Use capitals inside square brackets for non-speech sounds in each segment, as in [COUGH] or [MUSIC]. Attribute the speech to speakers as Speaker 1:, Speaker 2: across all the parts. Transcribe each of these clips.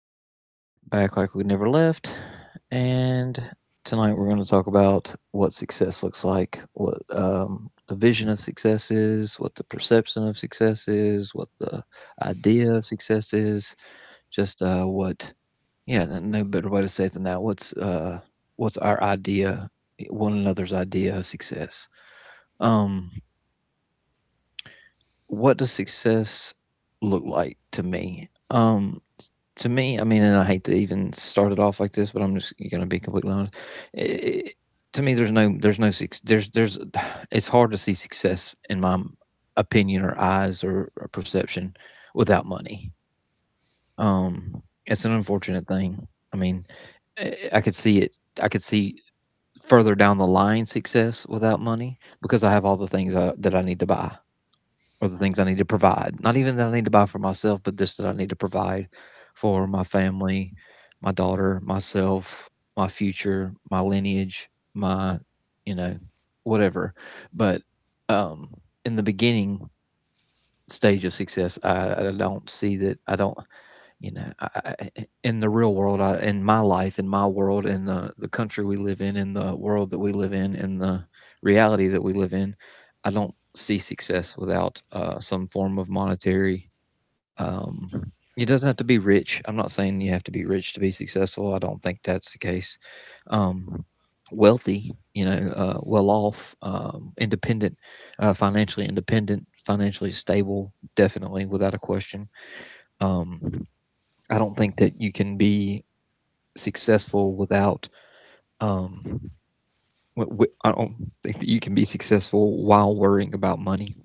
Speaker 1: and Eric, back like we never left. And tonight we're going to talk about what success looks like, what the vision of success is, what the perception of success is, what the idea of success is, just what, yeah, no better way to say it than that. What's our idea, one another's idea of success? Um, what does success look like to me? To me, I mean, and I hate to even start it off like this, but I'm just going to be completely honest. I- I- to me, there's no, suc- there's, [SIGHS] it's hard to see success in my opinion or eyes or perception without money. It's an unfortunate thing. I mean, I could see it. I could see further down the line success without money because I have all the things that I need to buy, or the things I need to provide. Not even that I need to buy for myself, but just that I need to provide for my family, my daughter, myself, my future, my lineage, my, you know, whatever. But um, in the beginning stage of success, I don't see that. I don't. you know I, in the real world, in my life, in my world, in the country we live in the world that we live in the reality that we live in, I don't see success without some form of monetary. It doesn't have to be rich. I'm not saying you have to be rich to be successful. I don't think that's the case. um, Wealthy, you know, well off, independent, financially independent, financially stable, definitely, without a question. um, I don't think that you can be successful without um I don't think that you can be successful while worrying about money,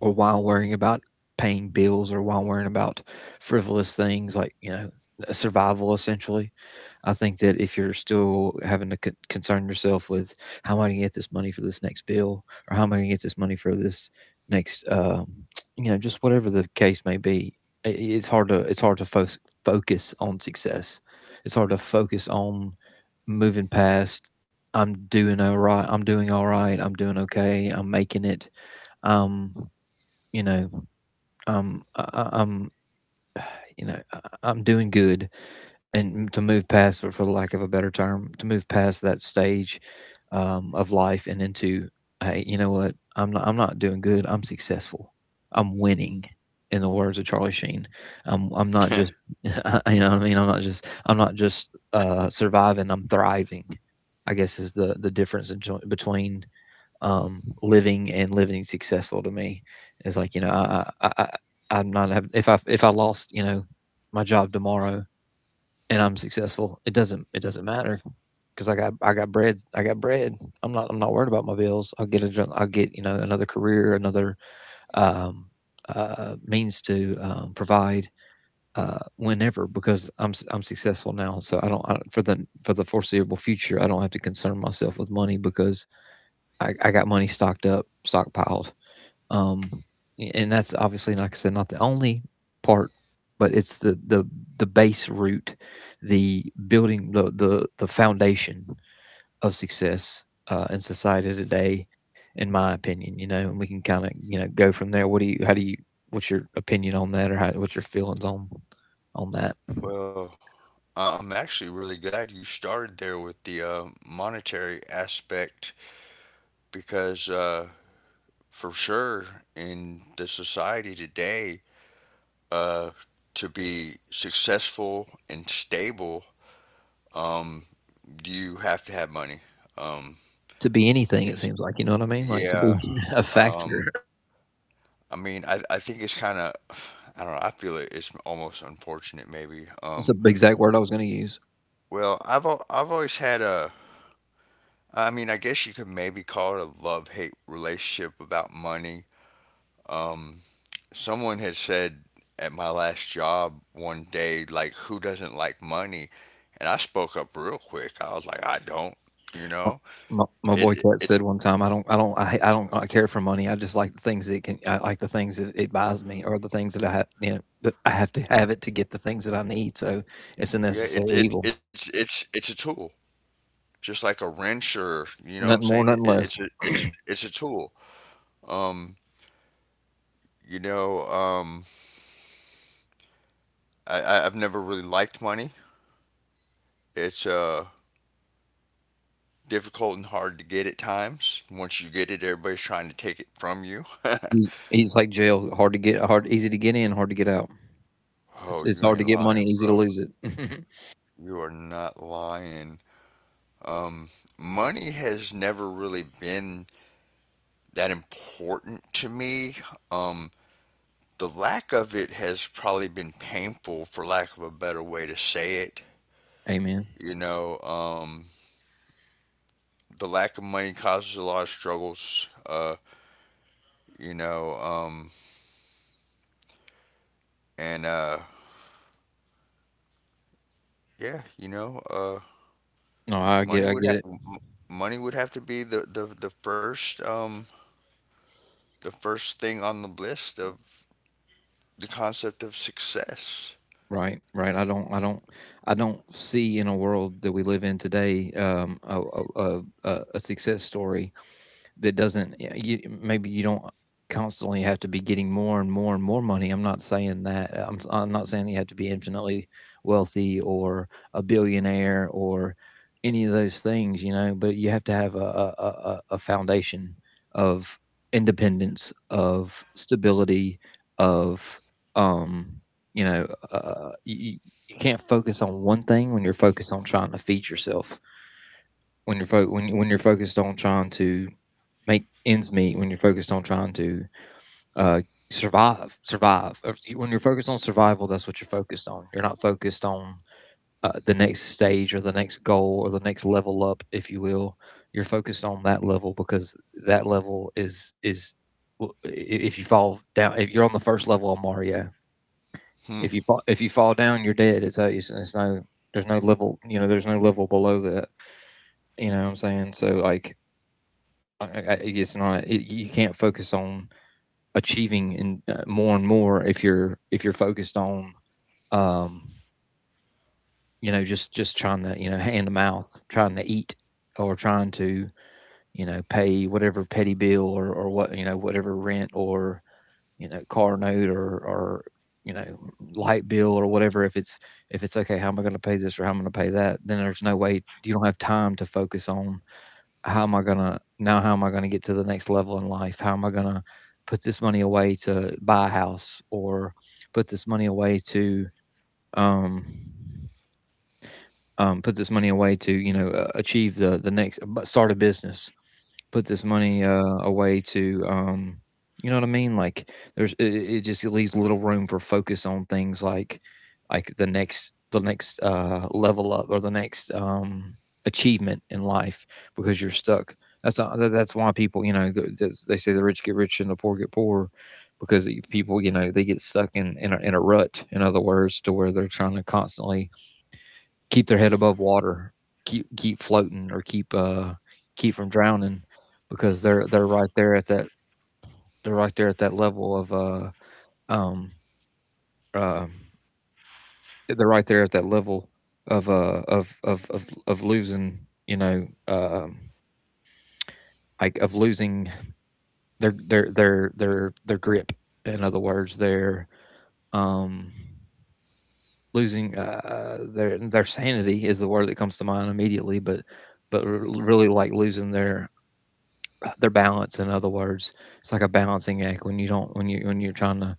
Speaker 1: or while worrying about paying bills, or while worrying about frivolous things like, survival, essentially. I think that if you're still having to concern yourself with how am I going to get this money for this next bill, or how am I going to get this money for this next, just whatever the case may be, it's hard to, focus on success. It's hard to focus on moving past, I'm doing all right, I'm doing all right, I'm doing okay, I'm making it, um you know, am, you know, I'm doing good, and to move past, for lack of a better term, to move past that stage of life and into, hey, you know what, I'm not doing good. I'm successful. I'm winning. In the words of Charlie Sheen, I'm not just,
Speaker 2: [LAUGHS]
Speaker 1: [LAUGHS] you know what I mean, I'm not just surviving. I'm thriving. I guess is the difference in, between living and living successful to me. It's like, you know, I, I'm not have, if I, if I lost, you know, my job tomorrow, and I'm successful, it doesn't, it doesn't matter, because I got, I got bread, I got bread. I'm not worried about my bills. I'll get a, will get, you know, another career, another um, means to provide, whenever, because I'm successful now. So I don't, for the foreseeable future, I don't have to concern myself with money because I got money stocked up, stockpiled. Um, and that's obviously, like I said, not the only part, but it's the, base root, the building, the foundation of success in society today, in my opinion. You know, and we can kind of, you know, go from there. What do you? How do you? What's your opinion on that, or how, what's your feelings on that?
Speaker 2: Well, I'm actually really glad you started there with the monetary aspect because, for sure, in the society today, uh, to be successful and stable, um, you have to have money. Um,
Speaker 1: To be anything, it
Speaker 2: it's
Speaker 1: seems like, you know what I mean. Like to be
Speaker 2: yeah.
Speaker 1: [LAUGHS] a
Speaker 2: Um,
Speaker 1: factor.
Speaker 2: I mean, I think it's kind of I don't know. I feel it, it's almost unfortunate, maybe.
Speaker 1: That's the exact word I was going to use.
Speaker 2: I've always had a I mean, I guess you could maybe call it a love hate relationship about money. Um, Someone had said at my last job one day, like, who doesn't like money? And I spoke up real quick. I was like, I don't, you
Speaker 1: My,
Speaker 2: know?
Speaker 1: my
Speaker 2: It,
Speaker 1: boy
Speaker 2: it
Speaker 1: Cat
Speaker 2: it's
Speaker 1: said one time, "I don't, I don't, I don't care for money. I just like the things that it can, I like the things that it buys me, or the things that I have, you know, that I have to have it to get the things that I need." So it's a
Speaker 2: yeah, it,
Speaker 1: necessary
Speaker 2: it
Speaker 1: evil.
Speaker 2: it's a tool. Just like a wrench, or, you know what I'm
Speaker 1: Nothing
Speaker 2: saying? It,
Speaker 1: more, nothing
Speaker 2: it's
Speaker 1: less.
Speaker 2: a it's a, it's a tool. Um, you know, um I've never really liked money. It's difficult and hard to get at times. Once you get it, everybody's trying to take it from you. [LAUGHS]
Speaker 1: He, he's like jail, hard to get, hard, easy to get in, hard to get out. It's
Speaker 2: Oh,
Speaker 1: it's
Speaker 2: you
Speaker 1: hard to
Speaker 2: ain't
Speaker 1: get money,
Speaker 2: lying,
Speaker 1: easy to
Speaker 2: bro.
Speaker 1: lose it.
Speaker 2: You are not lying. Um, Money has never really been that important to me. Um, the lack of it has probably been painful, for lack of a better way to say it.
Speaker 1: [LAUGHS] Amen.
Speaker 2: You know, um, the lack of money causes a lot of struggles. You know, and yeah, you know,
Speaker 1: No,
Speaker 2: Money
Speaker 1: I
Speaker 2: would
Speaker 1: get it.
Speaker 2: have to be the first the first thing on the list of the concept of success.
Speaker 1: Right, right. I don't see, in a world that we live in today, a success story that doesn't, yeah, you, maybe you don't constantly have to be getting more and more and more money. I'm not saying that. I'm not saying that you have to be infinitely wealthy, or a billionaire, or any of those things, you know. But you have to have a, foundation of independence, of stability, of, um, you know, you, you can't focus on one thing when you're focused on trying to feed yourself. When you're when you're focused on trying to make ends meet, when you're focused on trying to, uh, survive, when you're focused on survival, that's what you're focused on. You're not focused on the next stage, or the next goal, or the next level up, if you will. You're focused on that level, because that level is, well, if you fall down, if you're on the first level on Mario,
Speaker 2: Hmm.
Speaker 1: if you fall down, you're dead. It's no, there's no level, you know, there's no level below that, you know what I'm saying? So, like, it's not it, you can't focus on achieving in, more and more, if you're, if you're focused on, um, you know, just trying to, you know, hand to mouth, trying to eat, or trying to, you know, pay whatever petty bill, or what, you know, whatever rent, or, you know, car note, or, you know, light bill, or whatever. If it's, if it's okay, how am I going to pay this, or how am I going to pay that, then there's no way. You don't have time to focus on how am I gonna now, how am I gonna get to the next level in life. How am I gonna put this money away to buy a house, or put this money away to, um put this money away to, you know, achieve the next, start a business, put this money away to, you know what I mean. Like, there's, it, it just leaves little room for focus on things like the next, the next, level up, or the next achievement in life, because you're stuck. That's not, that's why people, you know, that's, they say the rich get rich and the poor get poor, because people, you know, they get stuck in, in a rut, in other words, to where they're trying to constantly keep their head above water, keep, keep floating, or keep, keep from drowning, because they're right there at that, they're right there at that level of, um uh, they're right there at that level of, of losing, you know, like, of losing their, their grip, in other words. They're, um losing, their sanity is the word that comes to mind immediately, but, really, like losing their, their balance, in other words. It's like a balancing act when you don't, when you, when you're trying to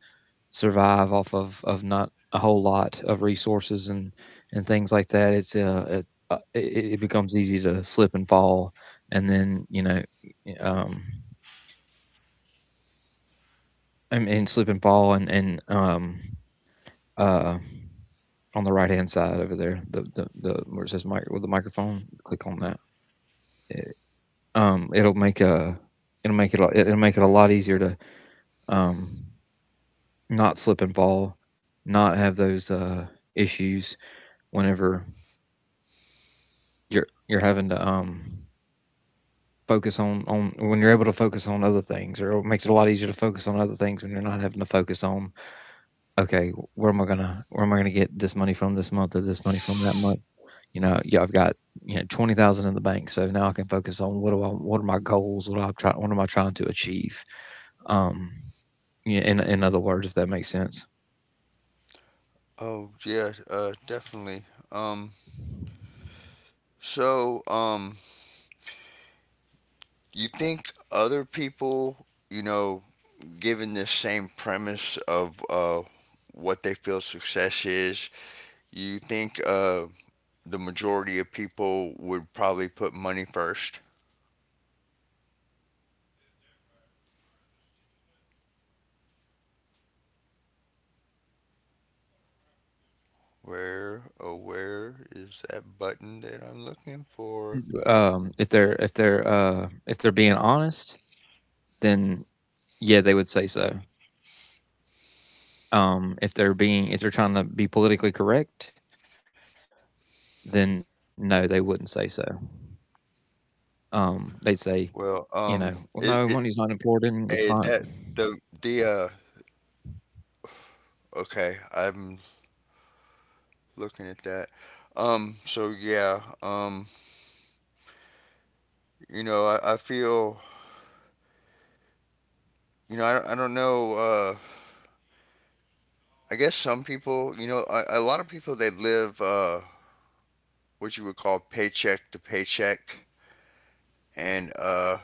Speaker 1: survive off of not a whole lot of resources, and things like that. It becomes easy to slip and fall, and then, you know, um and slip and fall, and uh on the right hand side over there, the where it says mic, with the microphone, click on that. It, it'll make a, it'll make it a-, it'll make it a lot easier to, um not slip and fall, not have those issues, whenever you're having to, focus on, when you're able to focus on other things, or it makes it a lot easier to focus on other things when you're not having to focus on, okay, where am I gonna, where am I gonna get this money from this month, or this money from that month? You know, yeah, I've got you know 20,000 in the bank, so now I can focus on what do I what are my goals? What am I trying to achieve? Um, yeah, in other words, if that makes sense.
Speaker 2: Oh yeah, definitely. Um. So you think other people, you know, given this same premise of what they feel success is, you think the majority of people would probably put money first? Where, oh, where is that button that I'm looking for?
Speaker 1: If they're if they're being honest, then yeah, they would say so. If they're being if they're trying to be politically correct, then no, they wouldn't say so. They'd say, you know, well, no,
Speaker 2: Well,
Speaker 1: money's not
Speaker 2: it,
Speaker 1: important.
Speaker 2: it,
Speaker 1: It's not
Speaker 2: hey, the, the, okay, I'm looking at that. So yeah, I feel, you know, I don't know, I guess some people, you know, a lot of people, they live, what you would call paycheck to paycheck. And,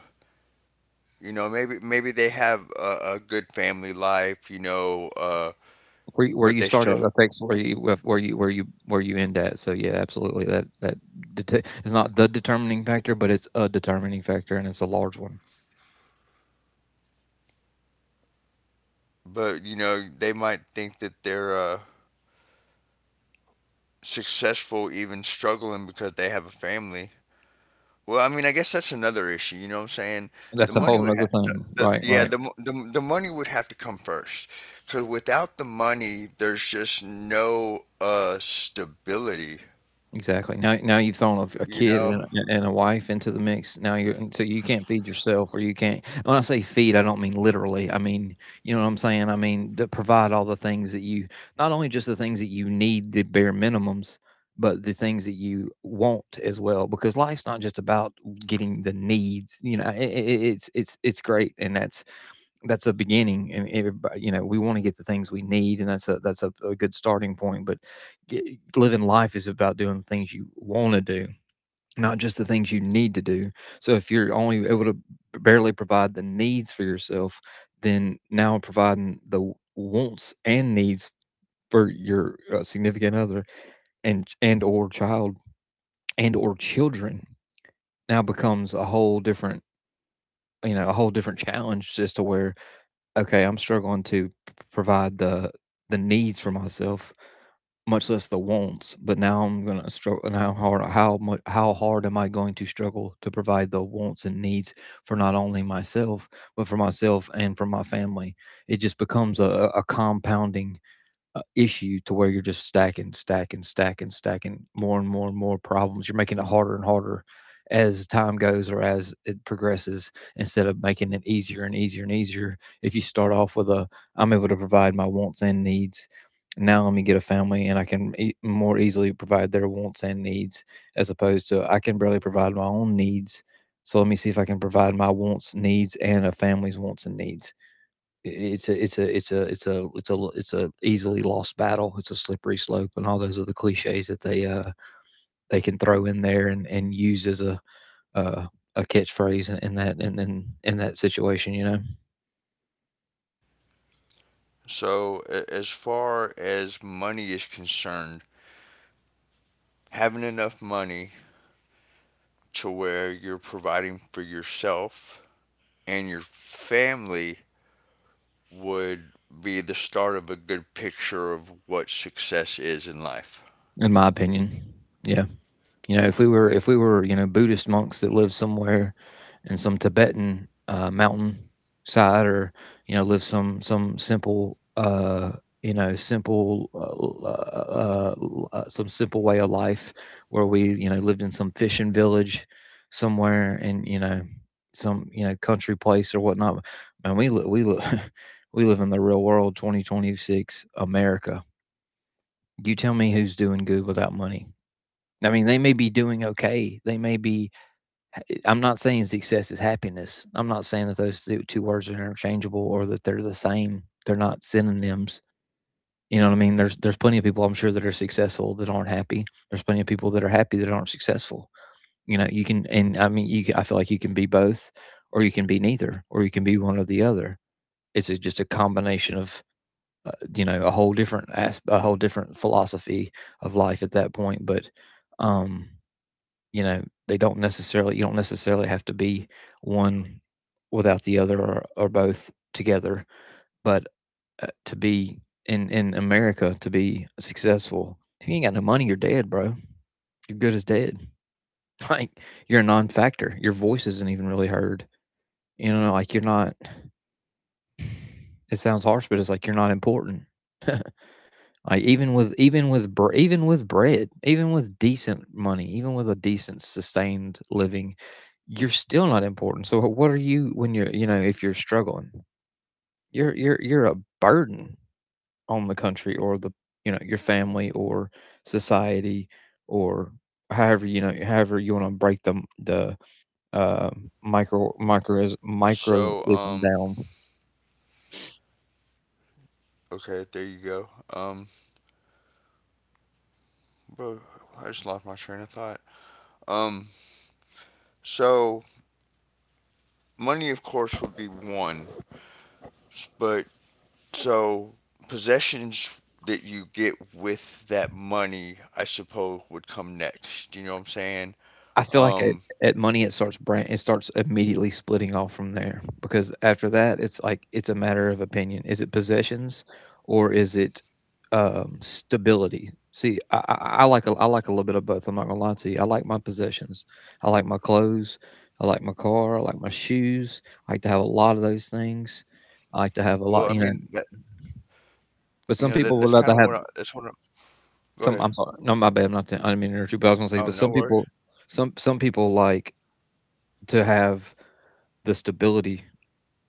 Speaker 2: you know, maybe they have a good family life, you know,
Speaker 1: where you, where you
Speaker 2: but they
Speaker 1: start at
Speaker 2: still
Speaker 1: affects where you end at. So yeah, absolutely. Is not the determining factor, but it's a determining factor, and it's a large one.
Speaker 2: but you know they might think that they're successful even struggling because they have a family. Well, I mean, I guess that's another issue. You know what I'm saying? the
Speaker 1: That's a
Speaker 2: money
Speaker 1: whole
Speaker 2: would have
Speaker 1: other
Speaker 2: the,
Speaker 1: thing.
Speaker 2: the,
Speaker 1: Right,
Speaker 2: yeah,
Speaker 1: right.
Speaker 2: the money would have to come first, because without the money there's just no stability,
Speaker 1: Exactly. Now you've thrown a
Speaker 2: you
Speaker 1: kid and
Speaker 2: know.
Speaker 1: a wife into the mix. Now you're and so you can't feed yourself, or you can't. When I say feed, I don't mean literally. I mean you know what I'm saying. I mean to provide all the things not only just the things that you need, the bare minimums, but the things that you want as well. Because life's not just about getting the needs. You know, I it's great, and that's a beginning. You know, we want to get the things we need, and a good starting point. But g living life is about doing the things you want to do, not just the things you need to do. So if you're only able to barely provide the needs for yourself, then now providing the wants and needs for your significant other and or child and or children, now becomes a whole different, you know, a whole different challenge, as to where, okay, I'm struggling to provide the needs for myself, much less the wants. But now I'm gonna struggle. Now hard, how much, how hard am I going to struggle to provide the wants and needs for not only myself, but for myself and for my family? It just becomes a compounding issue, to where you're just stacking, stacking, stacking, stacking more and more and more problems. You're making it harder and harder as time goes, or as it progresses, instead of making it easier and easier and easier. If you start off with a, I'm able to provide my wants and needs. Now let me get a family and I can more easily provide their wants and needs, as opposed to I can barely provide my own needs. So let me see if I can provide my wants, needs, and a family's wants and needs. It's a it's a it's a it's a it's a, it's a easily lost battle. It's a slippery slope, and all those other cliches that they can throw in there and use as uh, a catchphrase in in that situation. You know,
Speaker 2: So a- as far as money is concerned, having enough money to where you're providing for yourself and your family would be the start of a good picture of what success is in life.
Speaker 1: in my opinion, yeah. You know, if we were you know Buddhist monks that live somewhere in some Tibetan mountain side, or you know live some simple you know simple some simple way of life, where we you know lived in some fishing village somewhere, and you know some you know country place or whatnot. Man, [LAUGHS] we live in the real world, 2026 America. You tell me who's doing good without money. I mean, they may be doing okay. They may be. I'm not saying success is happiness. I'm not saying that those two words are interchangeable or that they're the same. They're not synonyms. You know what I mean? There's plenty of people I'm sure that are successful that aren't happy. There's plenty of people that are happy that aren't successful. You know, you can, and I mean, you can, I feel like you can be both, or you can be neither, or you can be one or the other. Just a combination of you know a whole different a whole different philosophy of life at that point. But um, you know, they don't necessarily you don't necessarily have to be one without the other, or both together. But to be in America to be successful, if you ain't got no money, you're dead, bro. You're good as dead. [LAUGHS] Like you're a non-factor. Your voice isn't even really heard. You know, like you're not. It sounds harsh, but it's like you're not important. Like even with bread, even with decent money, even with a decent sustained living, you're still not important. So what are you when you're, you know, if you're struggling? You're a burden on the country or the, you know, your family or society, or however you want to break the uh,
Speaker 2: So,
Speaker 1: microism down.
Speaker 2: okay, there you go. Bro, I just lost my train of thought. Um, so money, of course, would be one, but so possessions that you get with that money, I suppose, would come next. Do You know what I'm saying?
Speaker 1: I feel like at
Speaker 2: Um,
Speaker 1: at money, it starts brand it starts immediately splitting off from there, because after that, it's like it's a matter of opinion. Is it possessions, or is it, stability? See, I like a little bit of both. I'm not gonna lie to you. I like my possessions. I like my clothes. I like my car. I like my shoes. I like to have a lot of those things. I like to have a
Speaker 2: well, I
Speaker 1: lot, you know.
Speaker 2: mean that,
Speaker 1: But
Speaker 2: you know,
Speaker 1: some
Speaker 2: that
Speaker 1: people would rather have
Speaker 2: that's what I— go ahead.
Speaker 1: some. I'm sorry. No, my bad. I'm not. I didn't mean to interrupt you. But I was gonna say,
Speaker 2: Oh,
Speaker 1: but
Speaker 2: no
Speaker 1: some
Speaker 2: worries.
Speaker 1: people, some people like to have the stability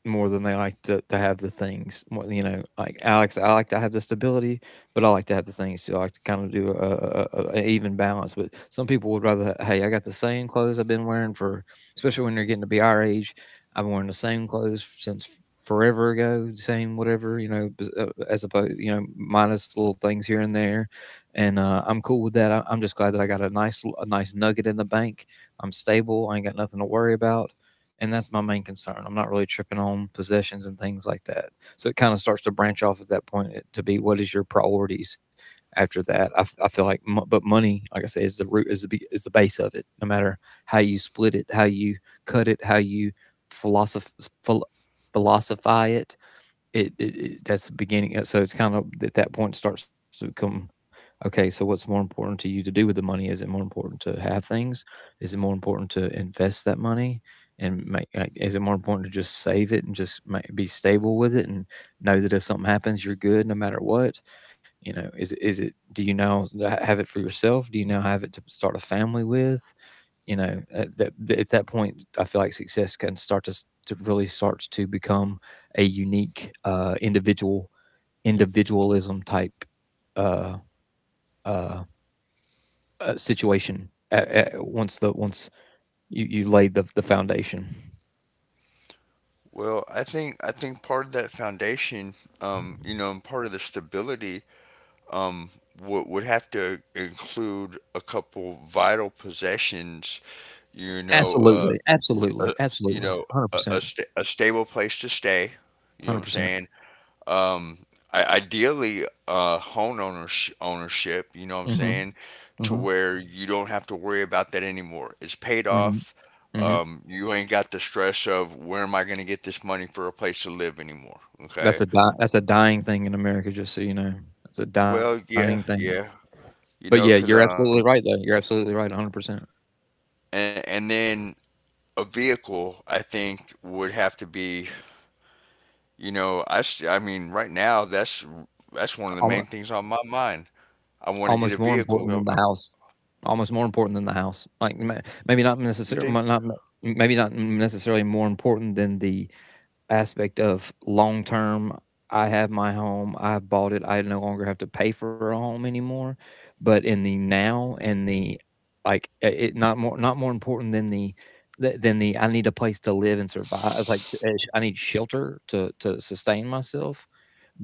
Speaker 1: more than they like to have the things. More, you know, like Alex, I like to have the stability, but I like to have the things too. I like to kind of do a even balance. But some people would rather, hey, I got the same clothes I've been wearing for, especially when they are getting to be our age. I've been wearing the same clothes since forever ago, same whatever, you know, as opposed, you know, minus little things here and there. And I'm cool with that. I'm just glad that I got a nice nugget in the bank. I'm stable. I ain't got nothing to worry about, and that's my main concern. I'm not really tripping on possessions and things like that. So it kind of starts to branch off at that point, to be what is your priorities after that. I feel like, but money, like I said, is the root, is the base of it. No matter how you split it, how you cut it, how you philosoph- philosophize it, that's the beginning, so it's kind of at that point starts to become, "Okay, so what's more important to you to do with the money? Is it more important to have things? Is it more important to invest that money and make, like, is it more important to just save it and just ma be stable with it and know that if something happens, you're good no matter what?" You know, is it do you now ha have it for yourself? Do you now have it to start a family with? You know, at that point, I feel like success can start to s to really starts to become a unique individual individualism type uh, uh, situation once the once you, you laid the foundation.
Speaker 2: Well, I think part of that foundation, you know, and part of the stability, um, would have to include a couple vital possessions. You know,
Speaker 1: Absolutely, absolutely,
Speaker 2: a, you
Speaker 1: absolutely,
Speaker 2: know,
Speaker 1: hundred percent,
Speaker 2: a stable place to stay. You know what
Speaker 1: hundred
Speaker 2: I'm
Speaker 1: percent.
Speaker 2: saying? um I, ideally, home ownership, you know what I'm
Speaker 1: Mm-hmm,
Speaker 2: saying, to
Speaker 1: mm-hmm,
Speaker 2: where you don't have to worry about that anymore. It's paid
Speaker 1: mm-hmm,
Speaker 2: off.
Speaker 1: mm-hmm.
Speaker 2: You ain't got the stress of where am I going to get this money for a place to live anymore, okay.
Speaker 1: That's a dying thing in America, just so you know. That's a
Speaker 2: Well,
Speaker 1: dying
Speaker 2: yeah,
Speaker 1: thing.
Speaker 2: yeah, you
Speaker 1: But
Speaker 2: know,
Speaker 1: yeah,
Speaker 2: because
Speaker 1: you're absolutely right, though. You're absolutely right, 100%.
Speaker 2: and then a vehicle I think would have to be, you know, I mean right now that's one of the main
Speaker 1: Almost,
Speaker 2: things on my mind. I want to
Speaker 1: almost
Speaker 2: get a
Speaker 1: more important
Speaker 2: vehicle.
Speaker 1: than
Speaker 2: Well.
Speaker 1: the house. Almost more important than the house. Like maybe not
Speaker 2: You
Speaker 1: necessarily
Speaker 2: think
Speaker 1: not, maybe not necessarily more important than the aspect of long term. I have my home, I've bought it, I no longer have to pay for a home anymore. But in the now and the, like, it not more, not more important than the I need a place to live and survive. It's like I need shelter to sustain myself.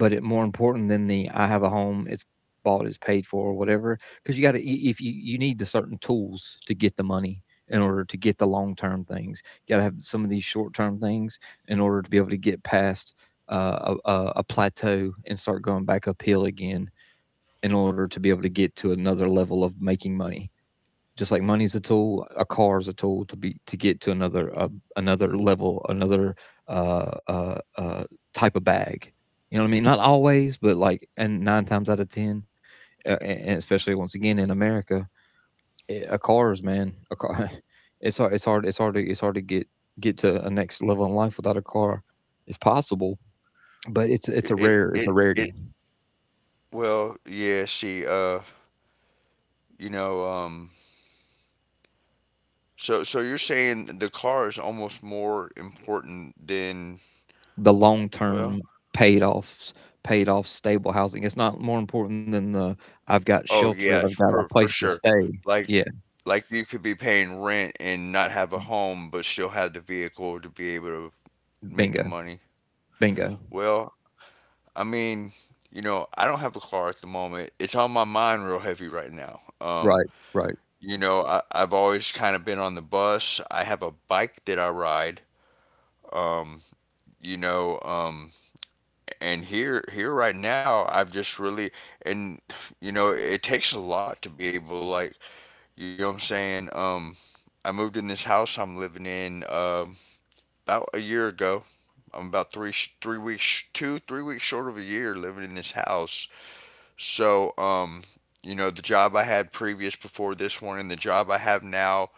Speaker 1: But it more important than the I have a home, it's bought, it's paid for, or whatever. Because you got to, if you you need the certain tools to get the money in order to get the long term things. You got to have some of these short term things in order to be able to get past a plateau and start going back uphill again in order to be able to get to another level of making money. Just like money's a tool, a car is a tool to get to another another level, another uh, uh, uh, type of bag. You know what I mean? Not always, but like, and nine times out of ten, uh, and especially once again in America, a car [LAUGHS] it's hard to get to a next level in life without a car. It's possible, but
Speaker 2: it
Speaker 1: it's a
Speaker 2: it
Speaker 1: rarity.
Speaker 2: it well, yeah, see, you know, um, so so you're saying the car is almost more important than—
Speaker 1: The long
Speaker 2: well,
Speaker 1: term paid off paid off stable housing, it's not more important than the I've got
Speaker 2: oh
Speaker 1: shelter.
Speaker 2: yeah,
Speaker 1: I've got a
Speaker 2: for
Speaker 1: place to
Speaker 2: sure.
Speaker 1: stay.
Speaker 2: Like
Speaker 1: Yeah.
Speaker 2: like you could be paying rent and not have a home, but still have the vehicle to be able to make the
Speaker 1: Bingo.
Speaker 2: money.
Speaker 1: Bingo.
Speaker 2: Well, I mean, you know, I don't have a car at the moment. It's on my mind real heavy right now.
Speaker 1: Right. Right.
Speaker 2: You know, I, I've always kind of been on the bus. I have a bike that I ride. Um, you know, and here Here right now I've just really and you know it takes a lot to be able like, you know what I'm saying. I moved in this house I'm living in about a year ago. I'm about 3 weeks, two three weeks short of a year living in this house. So you know, the job I had previous before this one, and the job I have now,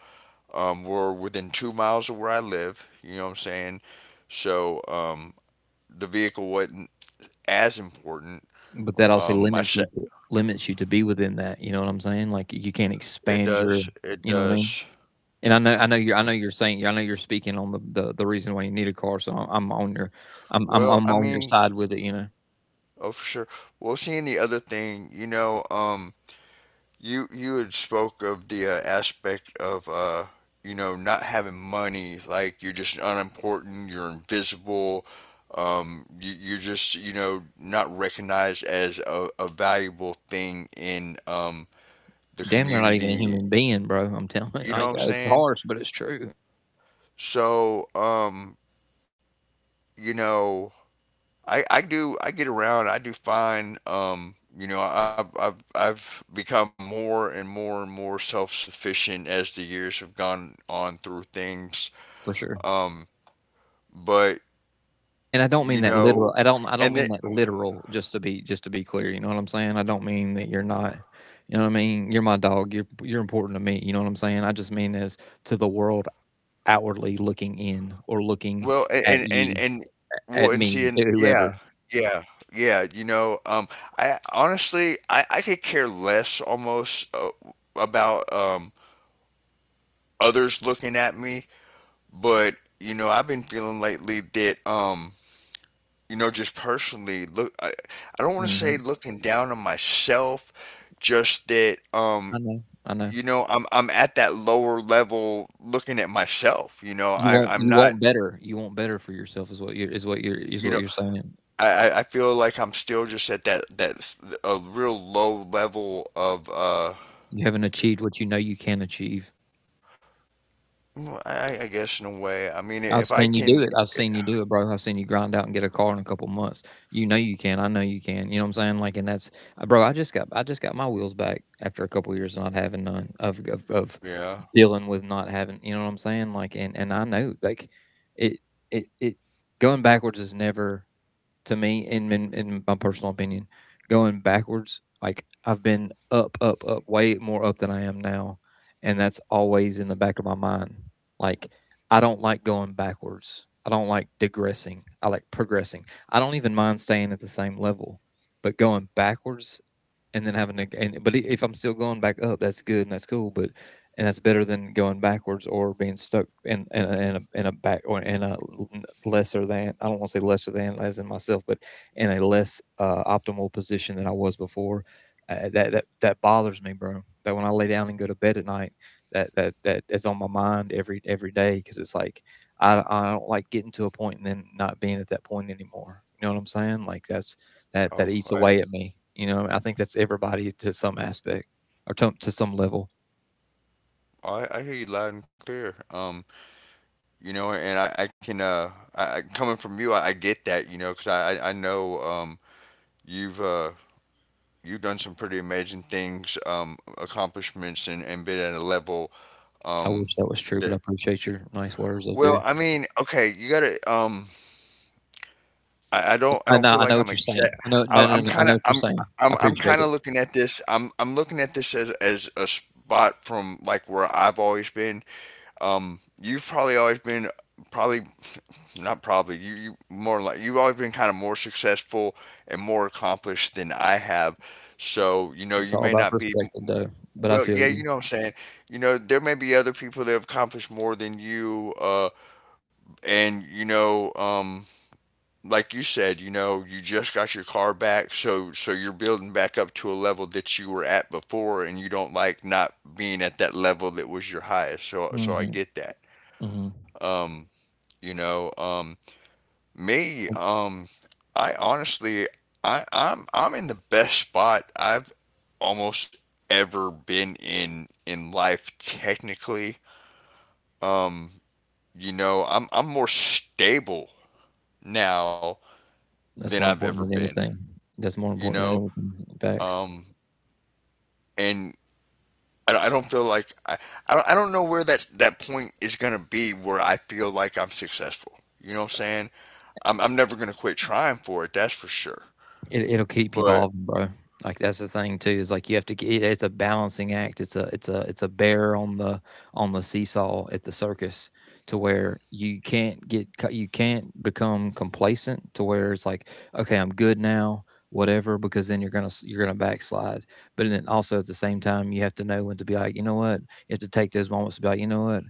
Speaker 2: were within 2 miles of where I live, you know what I'm saying. So the vehicle wasn't as important.
Speaker 1: But that also
Speaker 2: um, my se-
Speaker 1: limits you to be within that, you know what I'm saying, like you can't
Speaker 2: it
Speaker 1: expand your,
Speaker 2: does, it
Speaker 1: you know what I mean.
Speaker 2: does.
Speaker 1: And I know you're speaking on the reason why you need a car. So I'm, I'm,
Speaker 2: Well,
Speaker 1: I'm
Speaker 2: I
Speaker 1: on your
Speaker 2: mean,
Speaker 1: side with it. You know.
Speaker 2: oh for sure. Well, seeing the other thing, you know, you you had spoke of the aspect of you know, not having money, like you're just unimportant, you're invisible, you you're just, you know, not recognized as a valuable thing in the
Speaker 1: Damn, they're not even a
Speaker 2: community.
Speaker 1: human being, bro. I'm telling, [LAUGHS]
Speaker 2: You know what
Speaker 1: like,
Speaker 2: I'm
Speaker 1: it's
Speaker 2: saying?
Speaker 1: harsh, but it's true.
Speaker 2: So, you know. I get around, I do fine. You know, I've become more and more and more self-sufficient as the years have gone on through things.
Speaker 1: For sure.
Speaker 2: Um but
Speaker 1: And I don't
Speaker 2: you
Speaker 1: mean that
Speaker 2: know
Speaker 1: literal. I don't, I
Speaker 2: and
Speaker 1: don't
Speaker 2: then
Speaker 1: mean that literal. Just to be clear, you know what I'm saying. I don't mean that you're not, you know what I mean. You're my dog. You're important to me. You know what I'm saying. I just mean as to the world outwardly looking in, or looking
Speaker 2: well a-
Speaker 1: at you,
Speaker 2: and well
Speaker 1: at
Speaker 2: and see
Speaker 1: me,
Speaker 2: and yeah
Speaker 1: whoever.
Speaker 2: yeah Yeah, you know. I honestly, I could care less almost, about others looking at me. But you know I've been feeling lately that you know, just personally, look, I don't want to say
Speaker 1: Hmm.
Speaker 2: looking down on myself, just that,
Speaker 1: I know, I know.
Speaker 2: you know, I'm at that lower level looking at myself. You know, I I'm
Speaker 1: You
Speaker 2: not.
Speaker 1: won't better You want better for yourself is
Speaker 2: You
Speaker 1: what
Speaker 2: know,
Speaker 1: you're saying.
Speaker 2: I feel like I'm still just at that a real low level of —
Speaker 1: You haven't achieved what you know you can achieve.
Speaker 2: Well, I guess in a way. I mean,
Speaker 1: I've
Speaker 2: if I
Speaker 1: seen you do
Speaker 2: can,
Speaker 1: it. I've seen you do it, bro. I've seen you grind out and get a car in a couple months. You know you can. I know you can. You know what I'm saying? Like, and that's, bro. I just got my wheels back after a couple years of not having, none of
Speaker 2: yeah.
Speaker 1: dealing with not having. You know what I'm saying? Like, and I know, like, it, it, it, going backwards is never, to me, in my personal opinion, going backwards. Like I've been up, up, up, way more up than I am now, and that's always in the back of my mind. Like I don't like going backwards. I don't like digressing. I like progressing. I don't even mind staying at the same level, but going backwards and then having to and but e, if I'm still going back up, that's good and that's cool, but and that's better than going backwards or being stuck in a back, or in a lesser than. I don't want to say lesser than as in myself, but in a less optimal position than I was before. That bothers me, bro. That when I lay down and go to bed at night, that is on my mind every day, because it's like I don't like getting to a point and then not being at that point anymore. You know what I'm saying? Like that
Speaker 2: Oh,
Speaker 1: eats away at
Speaker 2: I
Speaker 1: me. You know, I think that's everybody to some aspect, or to, some level.
Speaker 2: I hear you loud and clear. You know, and I can, I— coming from you, I get that, you know, because I know, you've uh, you've done some pretty amazing things, accomplishments, and been at a level,
Speaker 1: I
Speaker 2: um,
Speaker 1: wish that was true, but I
Speaker 2: that.
Speaker 1: appreciate your nice words. I
Speaker 2: Well,
Speaker 1: do.
Speaker 2: I mean, okay, you gotta. I don't. I
Speaker 1: I
Speaker 2: don't
Speaker 1: know.
Speaker 2: feel
Speaker 1: I
Speaker 2: like
Speaker 1: know
Speaker 2: I'm
Speaker 1: what you're
Speaker 2: exact.
Speaker 1: saying. I know. No, no,
Speaker 2: I'm
Speaker 1: no. I
Speaker 2: kind
Speaker 1: know
Speaker 2: of.
Speaker 1: what you're
Speaker 2: I'm.
Speaker 1: saying. I
Speaker 2: I'm. I'm
Speaker 1: appreciate
Speaker 2: kind of
Speaker 1: it.
Speaker 2: looking at this. I'm looking at this as a spot from like where I've always been. You've probably always been probably not probably, you more like, you've always been kind of more successful and more accomplished than I have. So, you know,
Speaker 1: It's
Speaker 2: you
Speaker 1: all
Speaker 2: may
Speaker 1: about
Speaker 2: not be—
Speaker 1: perspective, though. But I
Speaker 2: well,
Speaker 1: feel
Speaker 2: yeah, you
Speaker 1: you.
Speaker 2: know what I'm saying. You know, there may be other people that have accomplished more than you, and you know, like you said, you know, you just got your car back, so so you're building back up to a level that you were at before, and you don't like not being at that level that was your highest. So so I
Speaker 1: Hmm.
Speaker 2: get that.
Speaker 1: Hmm.
Speaker 2: Um, you know, um, me, um, I honestly, I'm in the best spot I've almost ever been in life. Technically, um, you know, I'm more stable now than
Speaker 1: That's more
Speaker 2: I've ever
Speaker 1: important than
Speaker 2: been.
Speaker 1: anything. That's more
Speaker 2: You
Speaker 1: important than
Speaker 2: know,
Speaker 1: anything. Facts.
Speaker 2: um, and I don't feel like I don't know where that that point is gonna be where I feel like I'm successful. You know what I'm saying? I'm never gonna quit trying for it. That's for sure.
Speaker 1: It'll keep
Speaker 2: But
Speaker 1: evolving, bro. Like, that's the thing too, is like you have to g it's a balancing act. It's a bear on the seesaw at the circus, to where you can't become complacent, to where it's like, "Okay, I'm good now, whatever," because then you're gonna backslide. But then also at the same time, you have to know when to be like, "You know what?" You have to take those moments to be like, "You know what?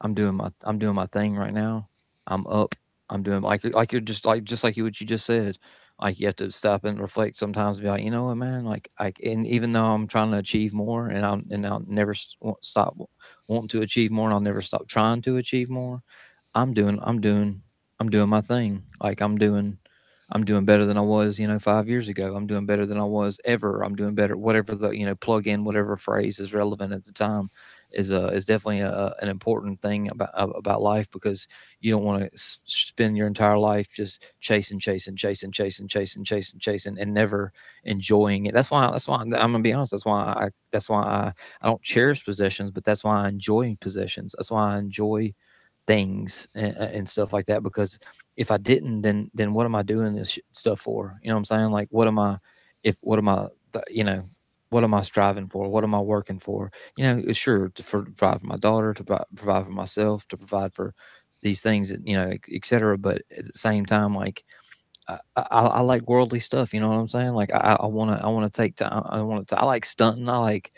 Speaker 1: I'm doing my thing right now. I'm up. I'm doing like you're just like you what you just said. Like you have to stop and reflect sometimes. And be like, you know what, man. Like I and even though I'm trying to achieve more, and I'll never s- won't stop wanting to achieve more, and I'll never stop trying to achieve more. I'm doing I'm doing I'm doing my thing. Like I'm doing better than I was, you know, 5 years ago. I'm doing better than I was ever. I'm doing better. Whatever plug in whatever phrase is relevant at the time is definitely an important thing about life, because you don't want to spend your entire life just chasing, chasing, chasing, chasing, chasing, chasing, chasing, and never enjoying it. That's why. That's why I'm gonna be honest. That's why I. That's why I. I don't cherish possessions, but that's why I enjoy possessions. That's why I enjoy things and stuff like that, because if I didn't, then what am I doing this stuff for? You know what I'm saying? Like what am I if what am I you know what am I striving for, what am I working for? You know, sure, to provide for my daughter, to provide for myself, to provide for these things and, etc., but at the same time, like I like worldly stuff, you know what I'm saying, like I want to take time. I want to I like stunting. I like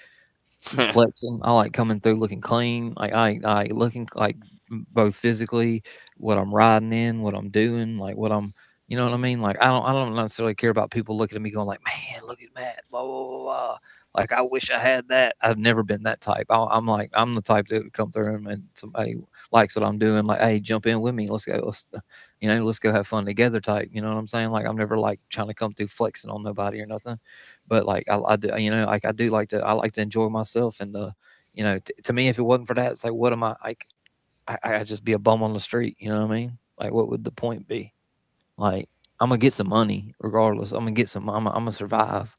Speaker 1: flexing. I like coming through looking clean. Like I looking like, both physically, what I'm riding in, what I'm doing, like what I'm, you know what I mean. Like I don't necessarily care about people looking at me going like, man, look at Matt, blah blah blah. Blah. Like I wish I had that. I've never been that type. I'm the type that would come through, and somebody likes what I'm doing. Like, hey, jump in with me. Let's go. Let's go have fun together. Type. You know what I'm saying? Like I'm never like trying to come through flexing on nobody or nothing. But like I do, you know, like I like to enjoy myself, and you know, to me, if it wasn't for that, it's like, what am I like? I just be a bum on the street. You know what I mean? Like, what would the point be? Like, I'm gonna get some money regardless. I'm gonna get some. I'm gonna survive.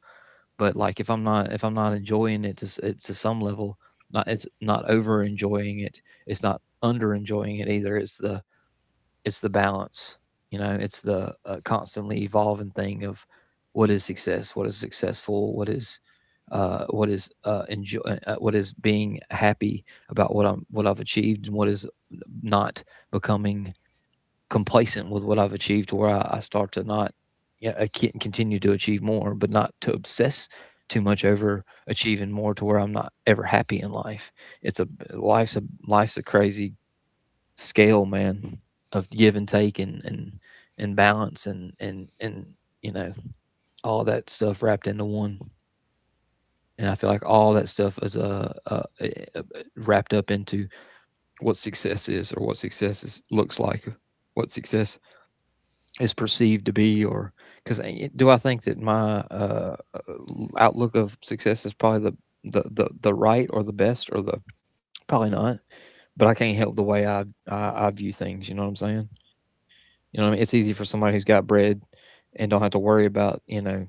Speaker 1: But like, if I'm not enjoying it to it to some level, not it's not over enjoying it. It's not under enjoying it either. It's the balance, you know, it's the constantly evolving thing of what is success, what is successful, what is enjoy what is being happy about what I've achieved, and what is not becoming complacent with what I've achieved, to where I start to not. Yeah, I can't continue to achieve more, but not to obsess too much over achieving more to where I'm not ever happy in life. It's a life's a life's a crazy scale, man, of give and take and balance and you know, all that stuff wrapped into one. And I feel like all that stuff is uh, wrapped up into what success is, or what success is, looks like, what success is perceived to be. Or, because do I think that my outlook of success is probably the, the right, or the best, or the, probably not, but I can't help the way I view things. You know what I'm saying? You know what I mean, it's easy for somebody who's got bread and don't have to worry about, you know,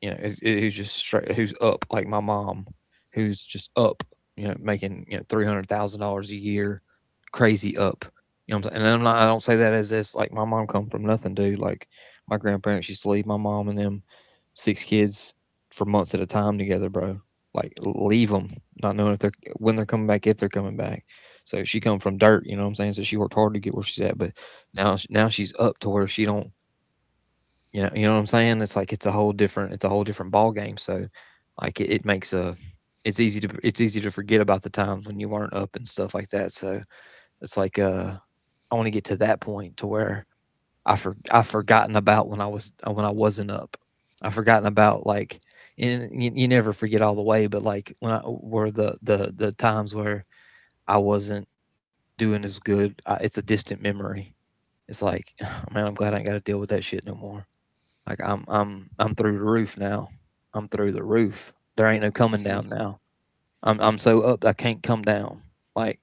Speaker 1: who's just straight, who's up, like my mom, who's just up, you know, making, you know, $300,000 a year, crazy up. You know what I'm saying? And I don't say that as this, like, my mom come from nothing, dude. Like my grandparents used to leave my mom and them six kids for months at a time together, bro. Like leave them, not knowing if they're when they're coming back, if they're coming back. So she come from dirt, you know what I'm saying? So she worked hard to get where she's at, but now she's up to where she don't, you know what I'm saying? It's like it's a whole different ball game. So like, it makes a it's easy to forget about the times when you weren't up and stuff like that. So it's like, I want to get to that point to where I've forgotten about when I wasn't up. I've forgotten about, like, and you never forget all the way, but like when I were the times where I wasn't doing as good, it's a distant memory. It's like, [SIGHS] man, I'm glad I ain't got to deal with that shit no more. Like, I'm through the roof now. I'm through the roof. There ain't no coming down now. I'm so up I can't come down. Like,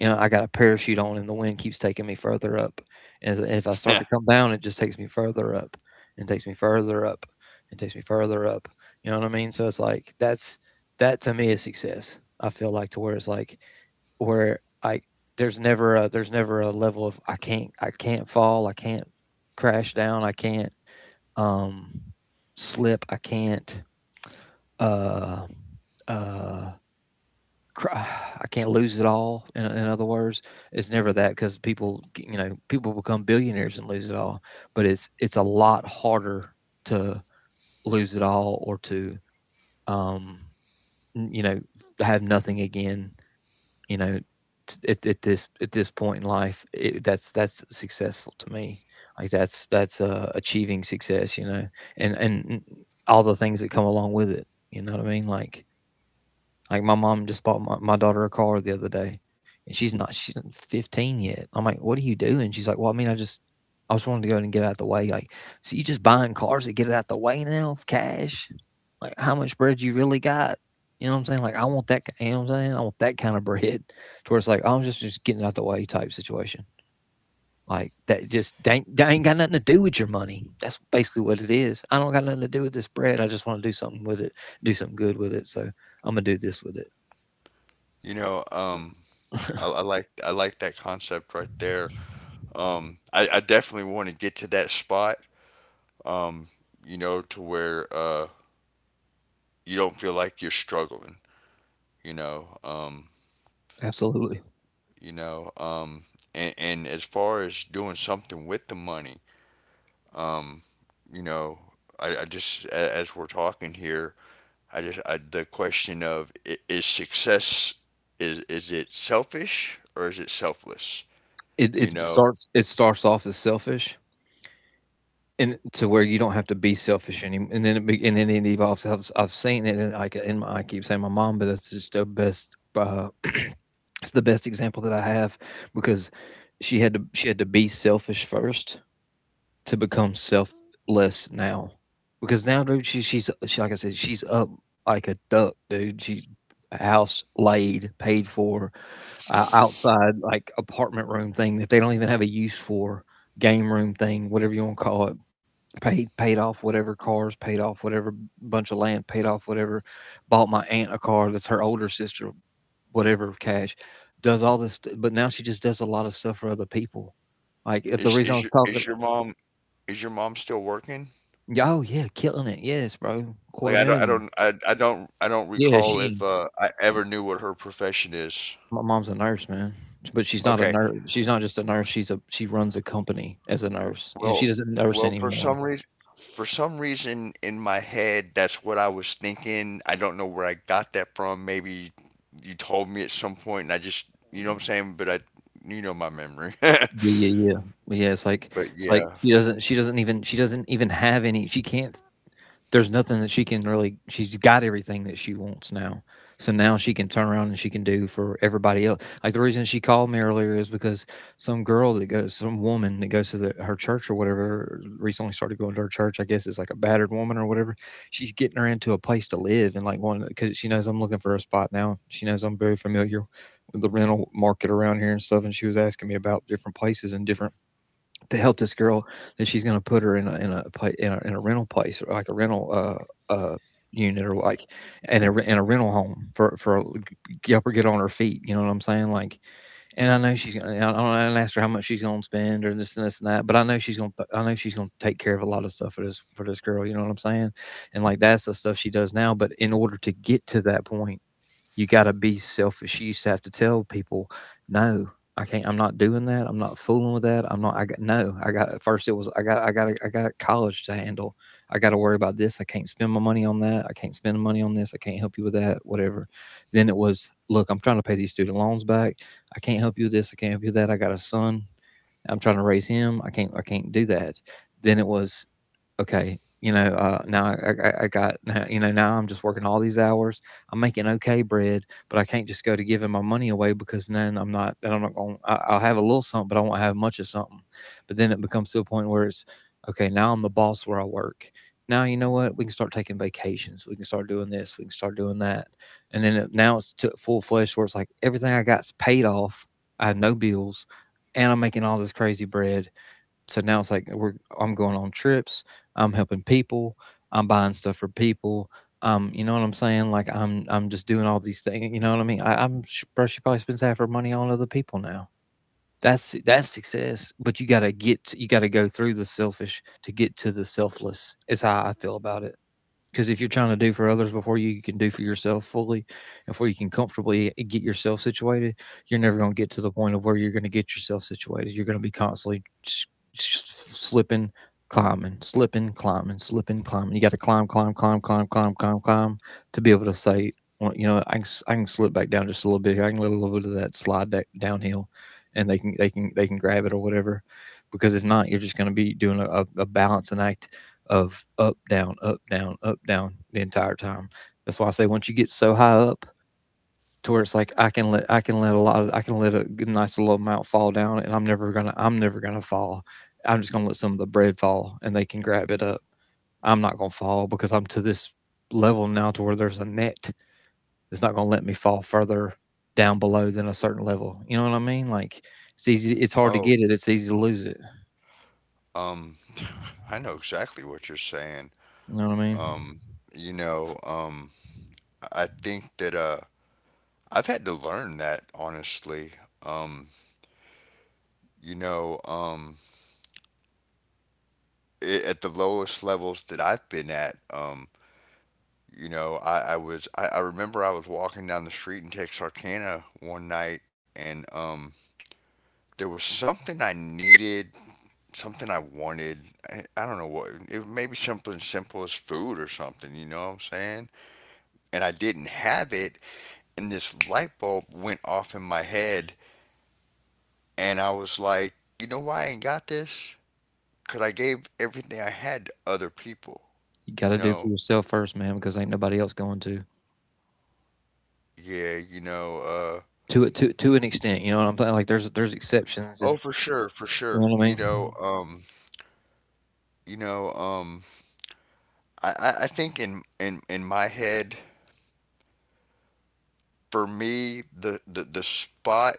Speaker 1: you know, I got a parachute on, and the wind keeps taking me further up. As if I start to
Speaker 2: [LAUGHS]
Speaker 1: come down, it just takes me further up, and takes me further up, and takes me further up. You know what I mean? So it's like that to me is success. I feel like, to where it's like, where I there's never a level of I can't fall, I can't crash down, I can't um slip, I can't uh uh cry, [SIGHS] I can't lose it all. In other words, it's never that, because people — you know, people become billionaires and lose it all, but it's a lot harder to lose it all, or to um you know have nothing again, you know. At this point in life, that's successful to me. Like, that's achieving success, you know. And all the things that come along with it, you know what I mean? Like my mom just bought my daughter a car the other day, and she's not 15 yet. I'm like, what are you doing? She's like, well, I mean, I just wanted to go ahead and get out of the way. Like, so you just buying cars to get it out the way now, cash? Like, how much bread you really got? You know what I'm saying? Like, I want that. You know what I'm saying? I want that kind of [LAUGHS] bread, to where it's like I'm just getting out the way type situation. Like, that ain't got nothing to do with your money. That's basically what it is. I don't got nothing to do with this bread. I just want to do something with it, do something good with it. So I'm gonna do this with it.
Speaker 2: you know,
Speaker 1: [LAUGHS]
Speaker 2: I like that concept right there. I definitely want to get to that spot. Um, you know, to where you don't feel like you're struggling. You know,
Speaker 1: Absolutely.
Speaker 2: you know, um, and as far as doing something with the money, um, you know, I just, as we're talking here, the question of— is success, is it selfish or is it selfless? You know,
Speaker 1: It starts off as selfish, and to where you don't have to be selfish anymore. And and then it evolves. I've seen it, and like, in my I keep saying my mom, but that's just the best, [CLEARS THROAT] it's the best example that I have, because she had to be selfish first to become selfless now. Because now, dude, she, like I said, she's up like a duck, dude. She — house laid, paid for, outside like apartment room thing that they don't even have a use for, game room thing, whatever you want to call it, paid off, whatever. Cars paid off, whatever. Bunch of land paid off, whatever. Bought my aunt a car — that's her older sister — whatever, cash. Does all this but now she just does a lot of stuff for other people. Like, if the
Speaker 2: is
Speaker 1: reason I was talking —
Speaker 2: is your mom still working?
Speaker 1: yeah, oh yeah, killing it. Yes, bro,
Speaker 2: Like
Speaker 1: quarter
Speaker 2: I don't I
Speaker 1: million.
Speaker 2: don't I don't I don't
Speaker 1: Yeah,
Speaker 2: recall if,
Speaker 1: she —
Speaker 2: I ever knew what her profession is.
Speaker 1: my mom's a nurse, man. But she's not a
Speaker 2: Okay.
Speaker 1: nurse. She's not just a nurse. She runs a company as a nurse, and she
Speaker 2: Well,
Speaker 1: doesn't nurse
Speaker 2: for
Speaker 1: anymore.
Speaker 2: some reason, in my head that's what I was thinking. I don't know where I got that from. Maybe you told me at some point and I just, you know what I'm saying, but I, you know, my memory. [LAUGHS]
Speaker 1: Yeah, yeah, yeah. Yeah, it's like,
Speaker 2: But yeah.
Speaker 1: she doesn't — she doesn't even have any. She can't There's nothing that she can really she's got everything that she wants now, so now she can turn around and she can do for everybody else. Like, the reason she called me earlier is because some woman that goes to her church, or whatever, recently started going to her church. I guess it's like a battered woman or whatever. She's getting her into a place to live, and, like, one, because she knows I'm looking for a spot now, she knows I'm very familiar with the rental market around here and stuff, and she was asking me about different places and different, to help this girl that she's going to put her in a rental place, or like a rental uh uh unit, or like in a rental home, for help her get on her feet. You know what I'm saying? Like, and I know she's gonna — I didn't ask her how much she's gonna spend or this and this and that, but I know she's gonna. I know she's gonna take care of a lot of stuff for this girl. You know what I'm saying? And like, that's the stuff she does now. But in order to get to that point, you got to be selfish. You used to have to tell people, no, I can't, I'm not doing that. I'm not fooling with that. I'm not, I got, no, I got, first it was, I got, I got, I got college to handle. I got to worry about this. I can't spend my money on that. I can't spend money on this. I can't help you with that, whatever. Then it was, look, I'm trying to pay these student loans back. I can't help you with this. I can't help you with that. I got a son. I'm trying to raise him. I can't do that. Then it was, okay, you know, now you know, now I'm just working all these hours. I'm making okay bread, but I can't just go to giving my money away, because then I'm not going — I'll have a little something, but I won't have much of something. But then it becomes to a point where it's, okay, now I'm the boss where I work. Now, you know what, we can start taking vacations, we can start doing this, we can start doing that. And now it's to full fledged, where it's like everything I got's paid off, I have no bills, and I'm making all this crazy bread. So now it's like we're I'm going on trips, I'm helping people, I'm buying stuff for people. You know what I'm saying? Like, I'm just doing all these things. You know what I mean? Bro, she probably spends half her money on other people now. That's success. But you gotta go through the selfish to get to the selfless. Is how I feel about it. Because if you're trying to do for others before you can do for yourself fully, before you can comfortably get yourself situated, you're never going to get to the point of where you're going to get yourself situated. You're going to be constantly slipping, climbing, slipping, climbing, slipping, climbing. You got to climb, climb, climb, climb, climb, climb, climb to be able to say, well, you know, I can slip back down just a little bit here. I can let a little bit of that slide downhill, and they can grab it or whatever. Because if not, you're just going to be doing a balancing act of up, down, up, down, up, down the entire time. That's why I say, once you get so high up, to where it's like I can let a lot of I can let a good nice little amount fall down, and I'm never gonna fall. I'm just gonna let some of the bread fall and they can grab it up. I'm not gonna fall, because I'm to this level now, to where there's a net that's not gonna let me fall further down below than a certain level. You know what I mean? Like, it's hard to
Speaker 2: Oh,
Speaker 1: get it, it's easy to lose it.
Speaker 2: um I know exactly what you're saying.
Speaker 1: You know what I mean?
Speaker 2: Um you know, I think that I've had to learn that honestly. Um, you know, I at the lowest levels that I've been at, you know, I remember I was walking down the street in Texarkana one night, and there was something I needed, something I wanted. I don't know what. It was maybe something simple as food or something. You know what I'm saying? And I didn't have it, and this light bulb went off in my head, and I was like, you know why I ain't got this? Because I gave everything I had to other people.
Speaker 1: You
Speaker 2: You
Speaker 1: gotta do for
Speaker 2: know,
Speaker 1: yourself first, man, because ain't nobody else going to.
Speaker 2: yeah, you know,
Speaker 1: To an extent. You know what I'm saying? Like, there's exceptions, and
Speaker 2: oh, for sure, for
Speaker 1: you know
Speaker 2: sure.
Speaker 1: what I mean.
Speaker 2: You know, I think in my head, for me, the spot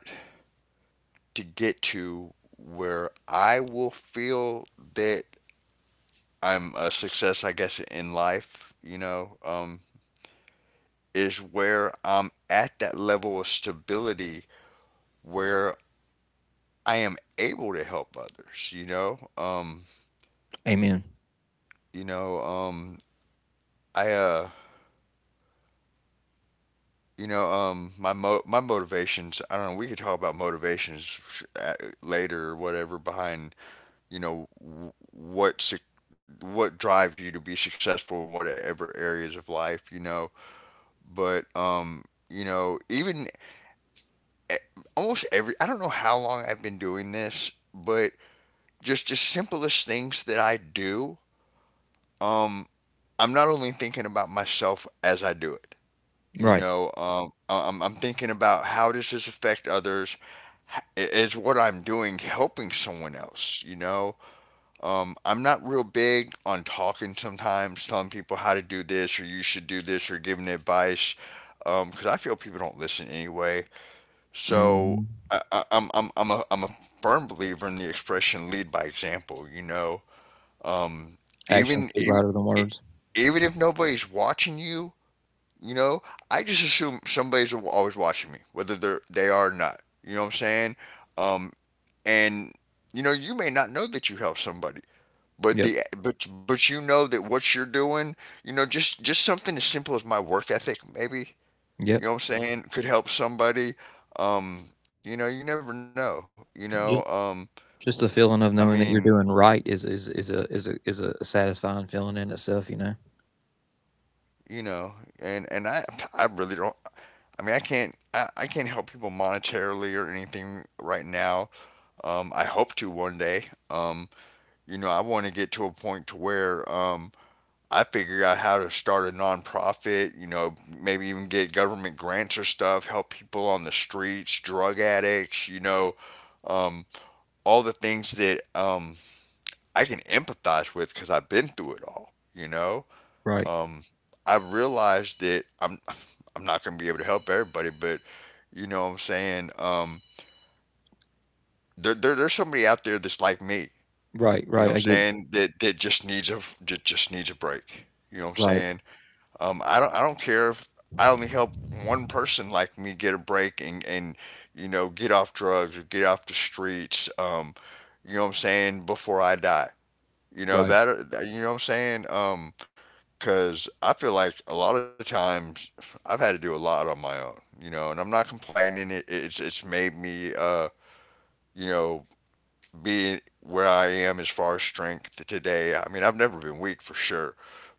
Speaker 2: to get to where I will feel that I'm a success, I guess, in life. You know, is where I'm at that level of stability where I am able to help others, you know?
Speaker 1: Amen.
Speaker 2: You know, I, uh, you know, my motivations. I don't know. We could talk about motivations later or whatever behind you know what suc what drives you to be successful in whatever areas of life you know. But you know, even e- almost every I don't know how long I've been doing this, but just the simplest things that I do. Um, I'm not only thinking about myself as I do it. You
Speaker 1: Right.
Speaker 2: know, I'm thinking about how does this affect others? Is what I'm doing helping someone else? You know, I'm not real big on talking sometimes, telling people how to do this or you should do this or giving advice, because I feel people don't listen anyway. So
Speaker 1: Hmm.
Speaker 2: I'm a I'm a firm believer in the expression "lead by example." You know, um,
Speaker 1: Actions
Speaker 2: even
Speaker 1: speak
Speaker 2: even
Speaker 1: louder than
Speaker 2: e-
Speaker 1: words.
Speaker 2: even if nobody's watching you, you know, I just assume somebody's always watching me, whether they are or not. You know what I'm saying? Um, and you know, you may not know that you help somebody, but
Speaker 1: Yep.
Speaker 2: the but you know that what you're doing, you know, just something as simple as my work ethic, maybe. You
Speaker 1: Yep.
Speaker 2: know what I'm saying? Could help somebody. Um, you know, you never know. You know,
Speaker 1: Just, just the
Speaker 2: I
Speaker 1: feeling of knowing
Speaker 2: mean,
Speaker 1: that you're doing right is a satisfying feeling in itself. You know.
Speaker 2: you know, and I really don't. I mean, I can't help people monetarily or anything right now. I hope to one day. You know, I want to get to a point to where I figure out how to start a nonprofit. You know, maybe even get government grants or stuff, help people on the streets, drug addicts. You know, um, all the things that I can empathize with because I've been through it all. You know,
Speaker 1: Right.
Speaker 2: um, I realized that I'm [LAUGHS] I'm not gonna be able to help everybody, but you know what I'm saying? There's somebody out there that's like me.
Speaker 1: Right.
Speaker 2: You know
Speaker 1: Right.
Speaker 2: what I'm
Speaker 1: I get.
Speaker 2: saying? That just needs a that just needs a break. You know what I'm
Speaker 1: Right.
Speaker 2: saying? I don't care if I only help one person like me get a break and you know get off drugs or get off the streets. You know what I'm saying? Before I die, you know
Speaker 1: Right.
Speaker 2: that you know what I'm saying? Because I feel like a lot of times I've had to do a lot on my own, you know, and I'm not complaining. It's made me, you know, be where I am as far as strength today. I mean, I've never been weak for sure,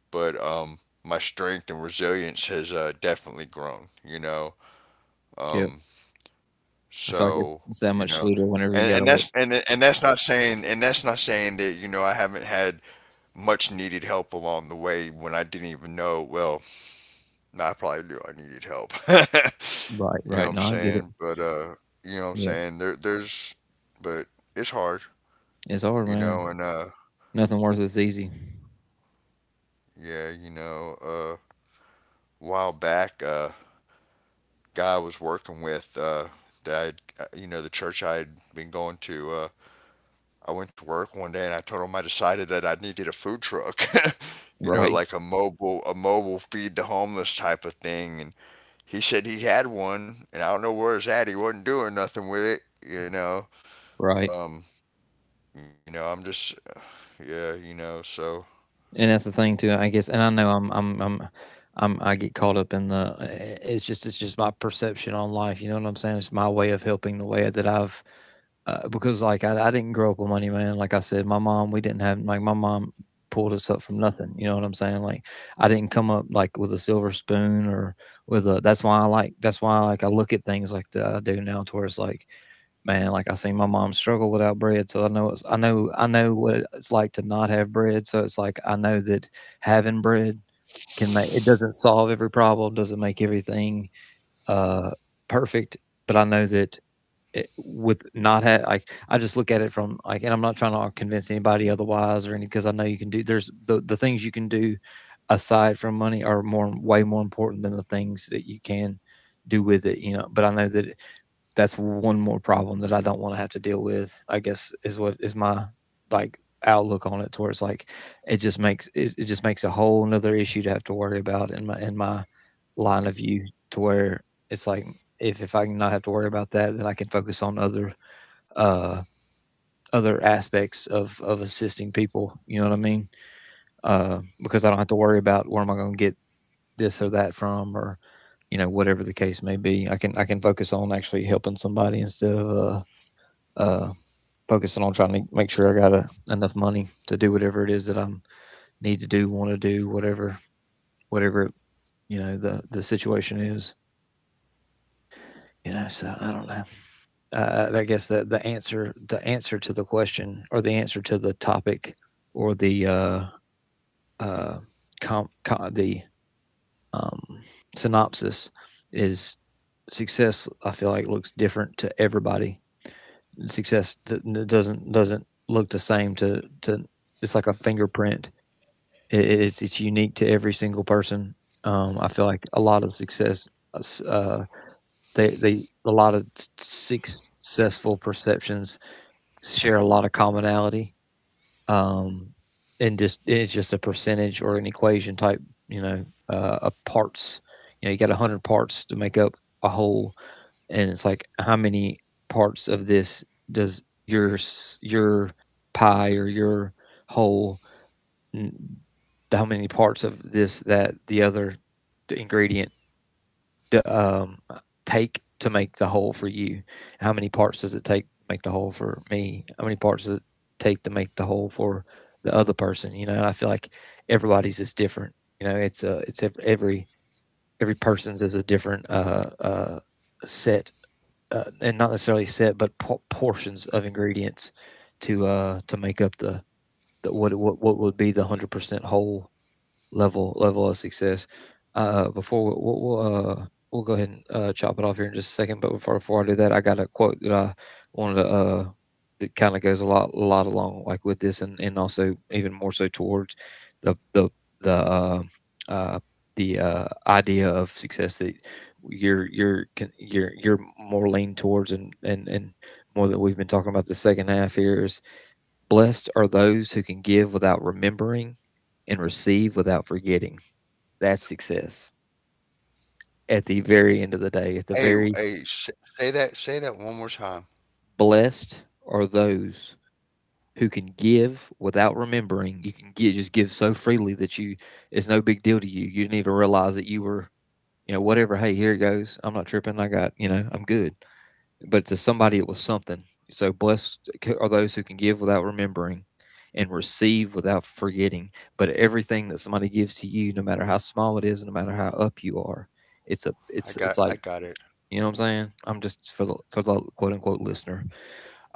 Speaker 2: but my strength and resilience has definitely grown, you know.
Speaker 1: Yep.
Speaker 2: Um,
Speaker 1: I feel like it's,
Speaker 2: so
Speaker 1: it's that
Speaker 2: you
Speaker 1: much
Speaker 2: know,
Speaker 1: sweeter whenever you got to work.
Speaker 2: and that's not saying that you know I haven't had much needed help along the way when I didn't even know well Nah, I probably knew I needed help. [LAUGHS]
Speaker 1: Right.
Speaker 2: You know
Speaker 1: Right.
Speaker 2: what I'm
Speaker 1: No, I get it.
Speaker 2: saying? But you know what I'm
Speaker 1: Yeah.
Speaker 2: saying? There there's but it's hard,
Speaker 1: It's hard,
Speaker 2: you know,
Speaker 1: man.
Speaker 2: and
Speaker 1: Nothing worth it's easy.
Speaker 2: yeah, you know, while back guy I was working with that I'd, you know, the church I had been going to I went to work one day and I told him I decided that I needed a food truck. [LAUGHS] You know,
Speaker 1: Right.
Speaker 2: like a mobile feed the homeless type of thing and he said he had one and I don't know where it's at. He wasn't doing nothing with it, you know.
Speaker 1: Right.
Speaker 2: Um, you know, I'm just yeah, you know, so
Speaker 1: And that's the thing too. I guess, and I know I get caught up in the. It's just my perception on life. You know what I'm saying? It's my way of helping the way that I've because like I didn't grow up with money, man. Like I said, my mom, we didn't have like my mom pulled us up from nothing. You know what I'm saying? Like I didn't come up like with a silver spoon or with a. That's why I like. That's why like I look at things like that I do now, towards like man, like I seen my mom struggle without bread, so I know it's, I know what it's like to not have bread. So it's like I know that having bread can make it doesn't solve every problem, doesn't make everything uh perfect, but I know that it, with not have like I just look at it from like, and I'm not trying to convince anybody otherwise or any because I know you can do. There's the things you can do aside from money are more way more important than the things that you can do with it, you know. But I know that that's one more problem that I don't want to have to deal with. I guess is what is my like outlook on it, to where it's like it just makes it, it just makes a whole another issue to have to worry about in my line of view, to where it's like if I can not have to worry about that, then I can focus on other uh other aspects of assisting people. You know what I mean? Because I don't have to worry about where am I going to get this or that from or you know whatever the case may be. I can focus on actually helping somebody instead of uh focusing on trying to make sure I got enough money to do whatever it is that I need to do, want to do, whatever, whatever, you know, the situation is. You know, so I don't know. I guess the answer to the question or the answer to the topic or the uh, com, com, the um, synopsis is success. I feel like looks different to everybody. Success doesn't look the same to to. It's like a fingerprint. It's unique to every single person. I feel like a lot of success, uh, they a lot of successful perceptions share a lot of commonality. Um, and just it's just a percentage or an equation type, you know, of parts. You know, you got a hundred parts to make up a whole, and it's like how many parts of this does your pie or your whole how many parts of this, that, the other ingredient um, take to make the whole for you? How many parts does it take to make the whole for me? How many parts does it take to make the whole for the other person? You know, and I feel like everybody's is different. You know, it's a it's every person's is a different set, and not necessarily set, but portions of ingredients to make up the what would be the 100% whole level of success. Uh, before we- we'll, we'll uh we'll go ahead and chop it off here in just a second. But before I do that, I got a quote that I wanted to that kind of goes a lot along like with this, and also even more so towards the the the uh, uh the idea of success that you're con- you're more lean towards and more that we've been talking about the second half here is: blessed are those who can give without remembering and receive without forgetting. That's success. At the very end of the day, at
Speaker 2: hey,
Speaker 1: the very
Speaker 2: hey, say that one more time.
Speaker 1: blessed are those who can give without remembering. You can just give so freely that you it's no big deal to you. You didn't even realize that you were, you know, whatever, hey, here it goes. I'm not tripping. I got, you know, I'm good. But to somebody it was something. So blessed are those who can give without remembering and receive without forgetting. But everything that somebody gives to you, no matter how small it is, no matter how up you are, it's a it's it's
Speaker 2: I
Speaker 1: like
Speaker 2: got it.
Speaker 1: you know what I'm saying. I'm just for the quote unquote listener.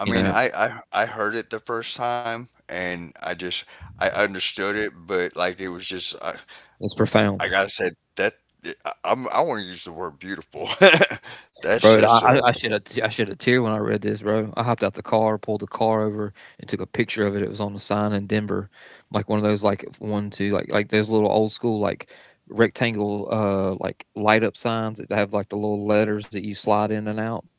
Speaker 1: You
Speaker 2: I
Speaker 1: know,
Speaker 2: mean, I heard it the first time and I just I understood it, but like it was just
Speaker 1: it's
Speaker 2: I
Speaker 1: profound.
Speaker 2: gotta say that I'm I want to use the word beautiful. [LAUGHS]
Speaker 1: Bro,
Speaker 2: That's
Speaker 1: I I
Speaker 2: a,
Speaker 1: shed I shed a tear when I read this, bro. I hopped out the car, pulled the car over, and took a picture of it. It was on a sign in Denver, like one of those, like, 1, 2, like those little old school, like, rectangle, like, light up signs that have, like, the little letters that you slide in and out,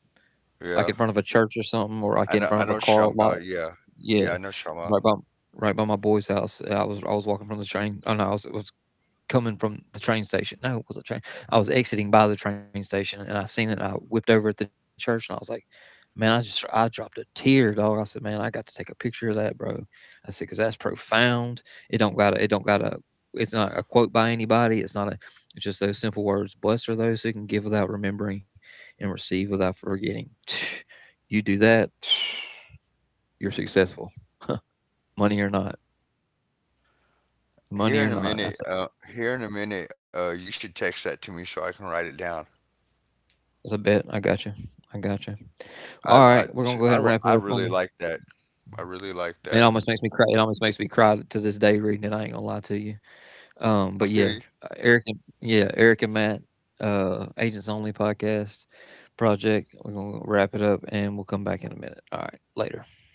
Speaker 1: like, in front
Speaker 2: yeah.
Speaker 1: of a church or something, or, like, in front of
Speaker 2: I
Speaker 1: a
Speaker 2: know what you're
Speaker 1: car
Speaker 2: talking
Speaker 1: lot.
Speaker 2: about. Yeah.
Speaker 1: Yeah,
Speaker 2: Yeah, I know what you're talking
Speaker 1: right
Speaker 2: about.
Speaker 1: by right by my boy's house. I was walking from the train. Oh, no, I was coming from the train station. No, it was a train. I was exiting by the train station and I seen it. And I whipped over at the church and I was like, man, I dropped a tear, dog. I said, man, I got to take a picture of that, bro. I said, cause that's profound. It don't gotta, it's not a quote by anybody. It's not a, it's just those simple words. Blessed are those who can give without remembering and receive without forgetting. [SIGHS] [TSK] You do that, [SNIFFS] [TSK] you're successful. [LAUGHS] Money or not, money
Speaker 2: Here
Speaker 1: or
Speaker 2: in a
Speaker 1: not. That's
Speaker 2: minute, here in a minute, you should text that to me so I can write it down.
Speaker 1: it's a bit. I got you. I got you. All
Speaker 2: I,
Speaker 1: right, we're gonna go ahead and wrap it
Speaker 2: I
Speaker 1: up.
Speaker 2: really
Speaker 1: On
Speaker 2: like that. I really like that.
Speaker 1: it almost makes me cry. It almost makes me cry to this day reading it. I ain't gonna lie to you.
Speaker 2: I feel
Speaker 1: But
Speaker 2: you.
Speaker 1: yeah, Eric and yeah, Eric and Matt, Agents Only podcast project. We're gonna wrap it up, and we'll come back in a minute. All right, later.